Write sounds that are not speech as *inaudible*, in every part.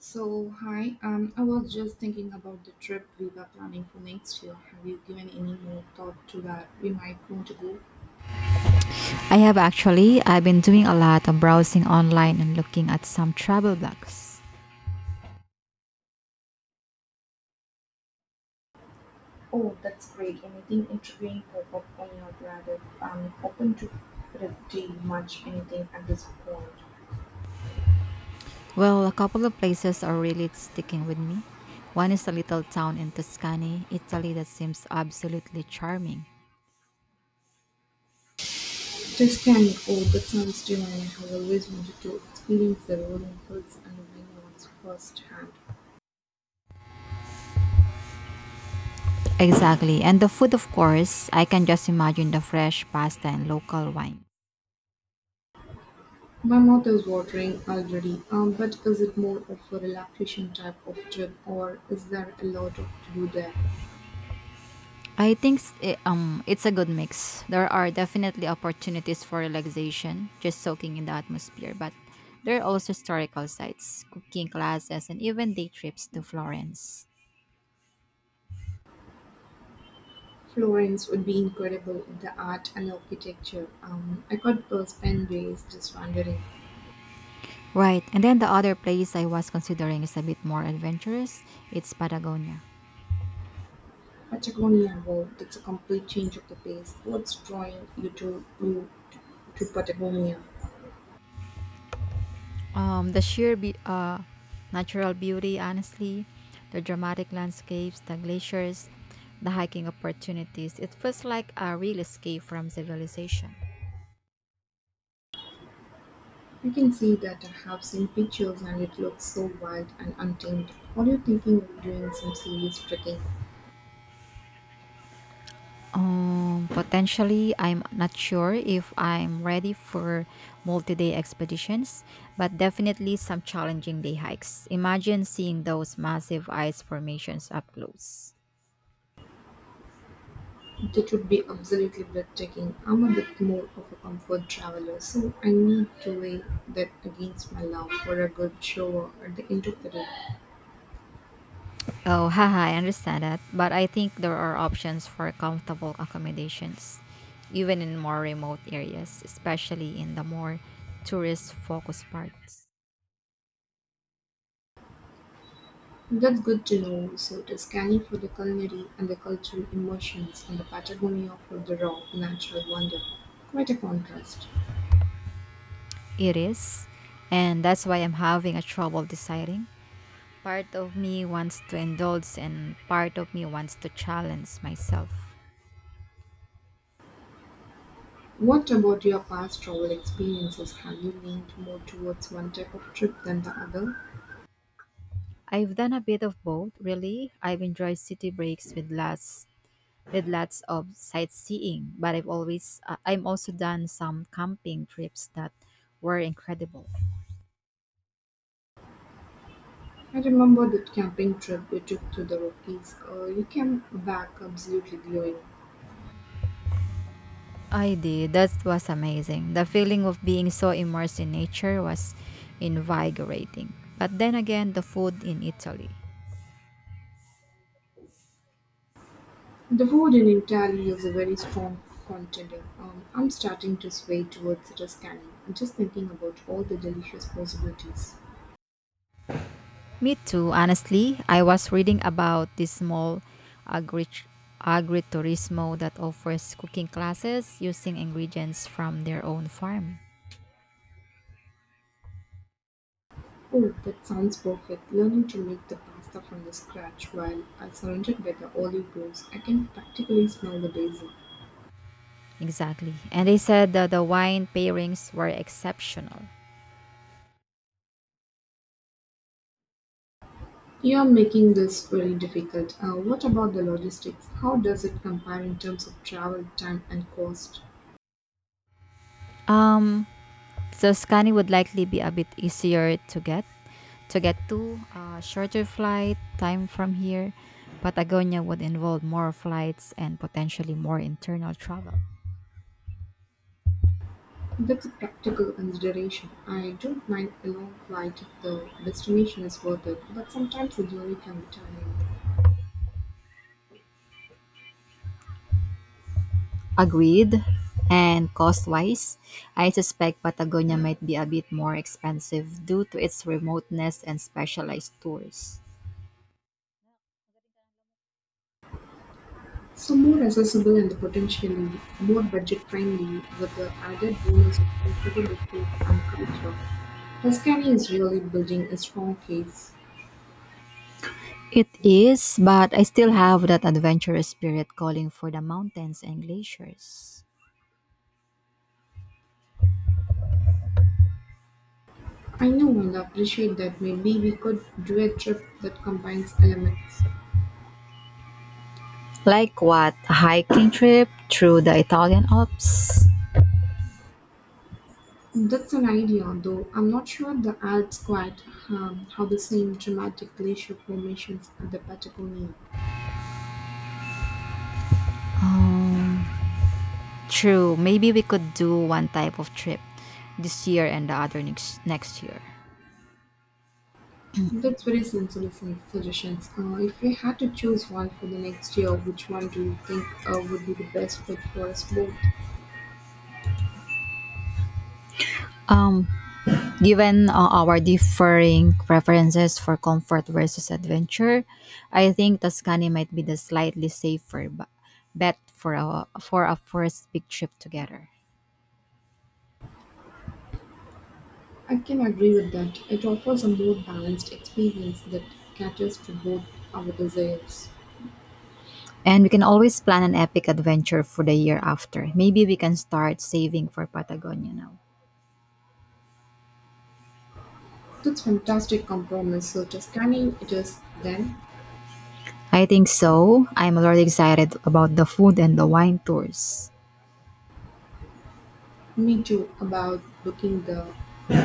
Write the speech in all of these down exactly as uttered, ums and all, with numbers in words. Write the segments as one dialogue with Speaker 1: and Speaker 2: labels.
Speaker 1: So, hi, um, I was just thinking about the trip we were planning for next year. Have you given any more thought to where we might want to go?
Speaker 2: I have actually. I've been doing a lot of browsing online and looking at some travel blogs.
Speaker 1: Oh, that's great. Anything intriguing pop up on your radar? I'm open to pretty much anything at this point.
Speaker 2: Well, a couple of places are really sticking with me. One is a little town in Tuscany, Italy that seems absolutely charming.
Speaker 1: Tuscany, oh, that sounds divine. I have always wanted to experience the rolling hills and vineyards firsthand.
Speaker 2: Exactly. And the food, of course, I can just imagine the fresh pasta and local wine.
Speaker 1: My mouth is watering already, um, but is it more of a relaxation type of trip or is there a lot of to do there?
Speaker 2: I think s- i- um it's a good mix. There are definitely opportunities for relaxation, just soaking in the atmosphere, but there are also historical sites, cooking classes, and even day trips to Florence.
Speaker 1: Florence would be incredible in the art and architecture. Um, I could uh, spend days just wandering.
Speaker 2: Right, and then the other place I was considering is a bit more adventurous. It's Patagonia.
Speaker 1: Patagonia, wow, that's a complete change of the pace. What's drawing you to you to Patagonia?
Speaker 2: Um, the sheer be- uh, natural beauty, honestly, the dramatic landscapes, the glaciers, the hiking opportunities. It feels like a real escape from civilization.
Speaker 1: I can see that I have seen pictures and it looks so wild and untamed. What are you thinking of doing some serious trekking?
Speaker 2: Um, potentially, I'm not sure if I'm ready for multi-day expeditions, but definitely some challenging day hikes. Imagine seeing those massive ice formations up close.
Speaker 1: That would be absolutely breathtaking. I'm a bit more of a comfort traveler, so I need to weigh that against my love for a good shower at the end of the day.
Speaker 2: Oh, *laughs* haha, I understand that, but I think there are options for comfortable accommodations, even in more remote areas, especially in the more tourist-focused parts.
Speaker 1: That's good to know. So it is scanning for the culinary and the cultural emotions and the Patagonia for the raw, natural wonder. Quite a contrast.
Speaker 2: It is, and that's why I'm having a trouble deciding. Part of me wants to indulge and part of me wants to challenge myself.
Speaker 1: What about your past travel experiences? Have you leaned more towards one type of trip than the other?
Speaker 2: I've done a bit of both, really. I've enjoyed city breaks with lots with lots of sightseeing, but I've always uh, I'm also done some camping trips that were incredible.
Speaker 1: I remember that camping trip you took to the Rockies. Uh, you came back absolutely glowing.
Speaker 2: I did. That was amazing. The feeling of being so immersed in nature was invigorating. But then again, the food in Italy.
Speaker 1: The food in Italy is a very strong contender. Um, I'm starting to sway towards it as scanning. I'm just thinking about all the delicious possibilities.
Speaker 2: Me too, honestly. I was reading about this small agri- agriturismo that offers cooking classes using ingredients from their own farm.
Speaker 1: Oh, that sounds perfect. Learning to make the pasta from the scratch while I surrounded by the olive groves, I can practically smell the basil.
Speaker 2: Exactly. And they said that the wine pairings were exceptional.
Speaker 1: You are making this very difficult. Uh, what about the logistics? How does it compare in terms of travel time and cost?
Speaker 2: Um, Tuscany would likely be a bit easier to get to get to uh, shorter flight time from here. Patagonia would involve more flights and potentially more internal travel.
Speaker 1: That's a practical consideration. I don't mind a long flight if the destination is worth it, but sometimes the journey can be tiring.
Speaker 2: Agreed. And cost-wise, I suspect Patagonia might be a bit more expensive due to its remoteness and specialized tours.
Speaker 1: So more accessible and potentially more budget friendly with the added bonus of incredible food and culture. Tuscany is really building a strong case.
Speaker 2: It is, but I still have that adventurous spirit calling for the mountains and glaciers.
Speaker 1: I know and appreciate that maybe we could do a trip that combines elements.
Speaker 2: Like what? A hiking trip through the Italian Alps?
Speaker 1: That's an idea, though I'm not sure the Alps quite um, have the same dramatic glacier formations as the Patagonia.
Speaker 2: Um, true. Maybe we could do one type of trip this year and the other next next year.
Speaker 1: That's very sensible sun- suggestions. Uh, if we had to choose one for the next year, which one do you think uh, would be the best fit for us both?
Speaker 2: Given uh, our differing preferences for comfort versus adventure, I think Tuscany might be the slightly safer b- bet for a, for a first big trip together.
Speaker 1: I can agree with that. It offers a more balanced experience that caters to both our desires.
Speaker 2: And we can always plan an epic adventure for the year after. Maybe we can start saving for Patagonia now.
Speaker 1: That's fantastic compromise. So just Tuscany it is then.
Speaker 2: I think so. I'm already excited about the food and the wine tours.
Speaker 1: Me too about booking the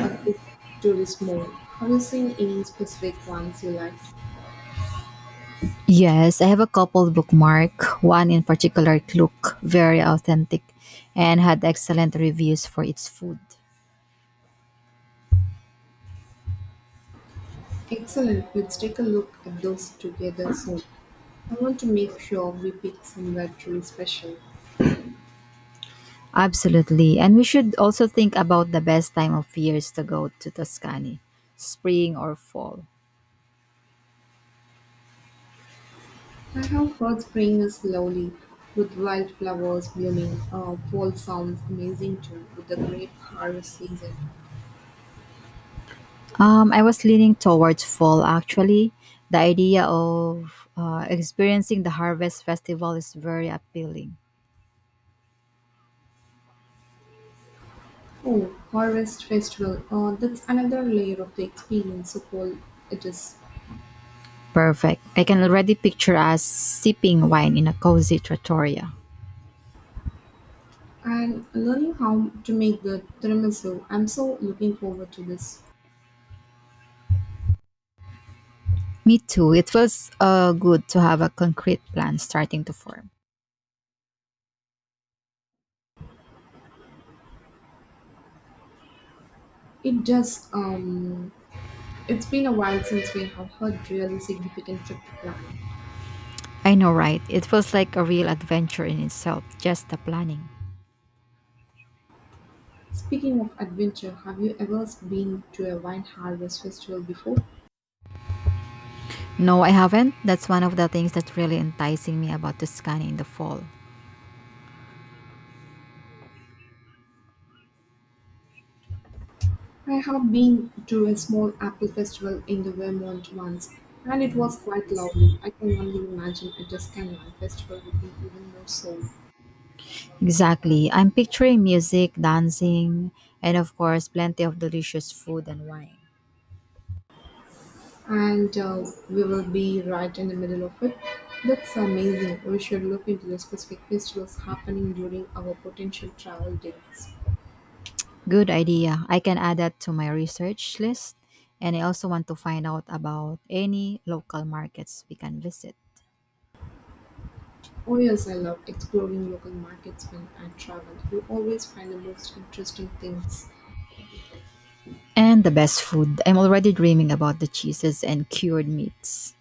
Speaker 1: a good tourist mode. Have you seen any specific ones you liked?
Speaker 2: Yes, I have a couple bookmark. One in particular looked very authentic and had excellent reviews for its food.
Speaker 1: Excellent. Let's take a look at those together soon. I want to make sure we pick somewhere truly special.
Speaker 2: Absolutely. And we should also think about the best time of years to go to Tuscany, spring or fall.
Speaker 1: I have heard spring is lovely with wildflowers blooming. Uh, fall sounds amazing too with the great harvest season.
Speaker 2: Um, I was leaning towards fall actually. The idea of uh, experiencing the harvest festival is very appealing.
Speaker 1: Oh, Harvest Festival. Uh, that's another layer of the experience, so cool it is.
Speaker 2: Perfect. I can already picture us sipping wine in a cozy trattoria.
Speaker 1: And learning how to make the tiramisu. I'm so looking forward to this.
Speaker 2: Me too. It feels uh, good to have a concrete plan starting to form.
Speaker 1: It just, um, it's been a while since we have had really significant trip to plan.
Speaker 2: I know, right? It feels like a real adventure in itself, just the planning.
Speaker 1: Speaking of adventure, have you ever been to a wine harvest festival before?
Speaker 2: No, I haven't. That's one of the things that's really enticing me about Tuscany in the fall.
Speaker 1: I have been to a small apple festival in the Vermont once, and it was quite lovely. I can only imagine a Tuscan wine festival would be even more so.
Speaker 2: Exactly. I'm picturing music, dancing, and of course, plenty of delicious food and wine.
Speaker 1: And uh, we will be right in the middle of it. That's amazing. We should look into the specific festivals happening during our potential travel dates.
Speaker 2: Good idea. I can add that to my research list. And I also want to find out about any local markets we can visit.
Speaker 1: Oh, yes, I love exploring local markets when I travel. You always find the most interesting things.
Speaker 2: And the best food. I'm already dreaming about the cheeses and cured meats.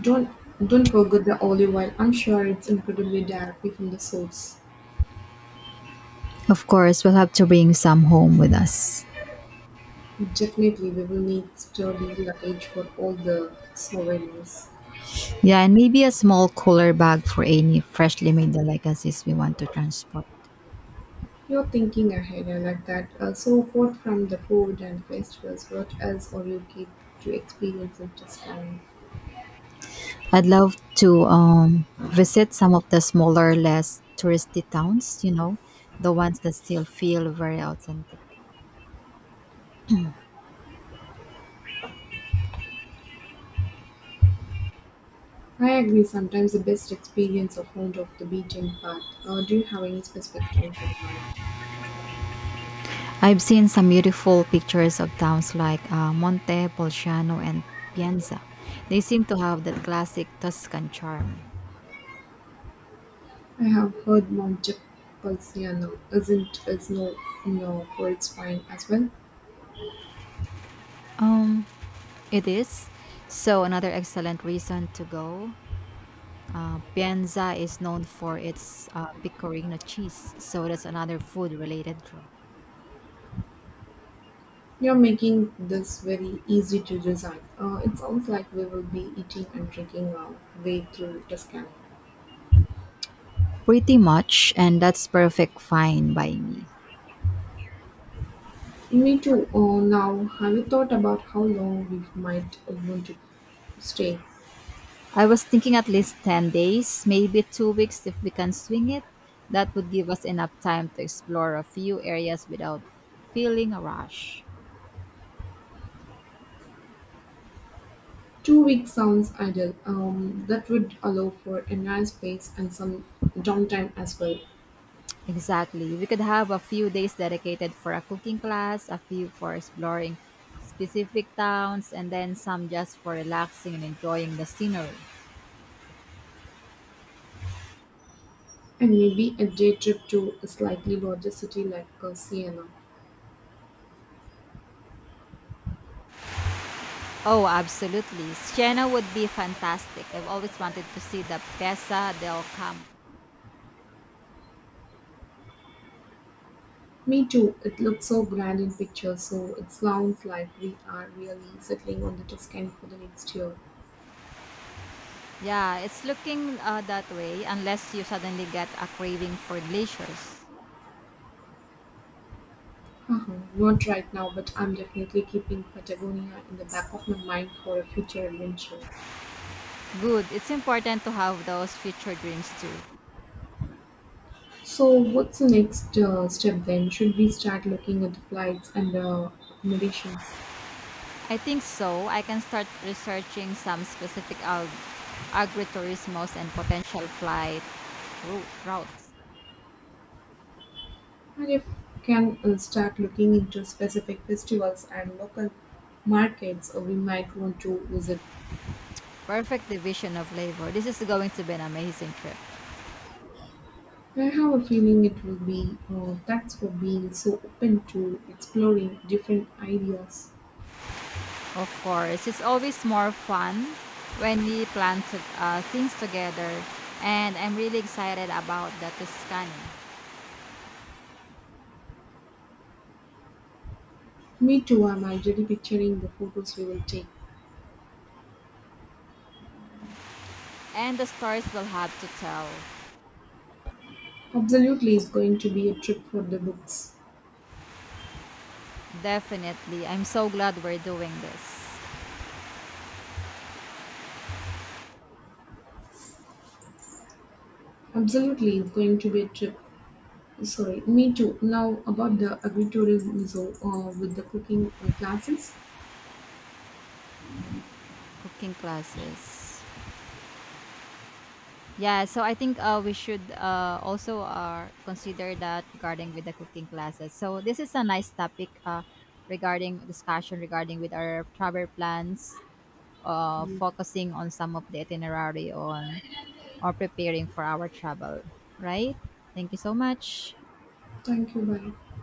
Speaker 1: Don't don't forget the olive oil. I'm sure it's incredibly directly from the source.
Speaker 2: Of course, we'll have to bring some home with us.
Speaker 1: Definitely, we will need sturdy luggage for all the souvenirs.
Speaker 2: Yeah, and maybe a small cooler bag for any freshly made delicacies we want to transport.
Speaker 1: You're thinking ahead, I like that. Uh, so, apart from the food and festivals, what else are you get to experience in this town?
Speaker 2: I'd love to um, visit some of the smaller, less touristy towns, you know, the ones that still feel very authentic.
Speaker 1: I agree, sometimes the best experience are found off the beaten path. Uh, do you have any specific town to recommend?
Speaker 2: I've seen some beautiful pictures of towns like uh, Monte, Bolzano, and Pienza. They seem to have that classic Tuscan charm.
Speaker 1: I have heard Montepulciano isn't is no no for its wine as well.
Speaker 2: Um, it is. So, another excellent reason to go. Uh, Pienza is known for its uh, pecorino cheese, so that's another food related draw.
Speaker 1: You're making this very easy to design. Uh, it sounds like we will be eating and drinking our way through Tuscany.
Speaker 2: Pretty much, and that's perfect fine by me.
Speaker 1: Me too. Oh, now have you thought about how long we might want to stay?
Speaker 2: I was thinking at least ten days, maybe two weeks if we can swing it. That would give us enough time to explore a few areas without feeling a rush.
Speaker 1: Two weeks sounds ideal. Um, that would allow for a nice space and some downtime as well,
Speaker 2: Exactly. We could have a few days dedicated for a cooking class, a few for exploring specific towns, and then some just for relaxing and enjoying the scenery.
Speaker 1: and maybe a day trip to a slightly larger city like uh, Siena.
Speaker 2: Oh, absolutely. Siena would be fantastic. I've always wanted to see the Pesa del Campo.
Speaker 1: Me too. It looks so grand in pictures, so it sounds like we are really settling on the Tuscany for the next year.
Speaker 2: Yeah, it's looking uh, that way unless you suddenly get a craving for glaciers.
Speaker 1: Uh-huh. Not right now, but I'm definitely keeping Patagonia in the back of my mind for a future adventure.
Speaker 2: Good. It's important to have those future dreams too.
Speaker 1: So, what's the next uh, step then? Should we start looking at the flights and uh, accommodations?
Speaker 2: I think so. I can start researching some specific ag- agritourismos and potential flight route- routes.
Speaker 1: And if can uh, start looking into specific festivals and local markets uh, we might want to visit.
Speaker 2: Perfect division of labor. This is going to be an amazing trip.
Speaker 1: I have a feeling it will be uh, thanks for being so open to exploring different ideas.
Speaker 2: Of course, it's always more fun when we plan to, uh, things together, and I'm really excited about the Tuscany
Speaker 1: Me too, I'm already picturing the photos we will take.
Speaker 2: and the stories we'll have to tell.
Speaker 1: Absolutely, it's going to be a trip for the books.
Speaker 2: Definitely, I'm so glad we're doing this
Speaker 1: Absolutely, it's going to be a trip. Sorry, me too. Now about the agritourism so, uh, with the cooking uh, classes.
Speaker 2: cooking classes. Yeah, so I think uh, we should uh, also uh, consider that regarding with the cooking classes. So this is a nice topic uh, regarding discussion regarding with our travel plans, uh, focusing on some of the itinerary on or preparing for our travel, right? Thank you so much.
Speaker 1: Thank you. Bye.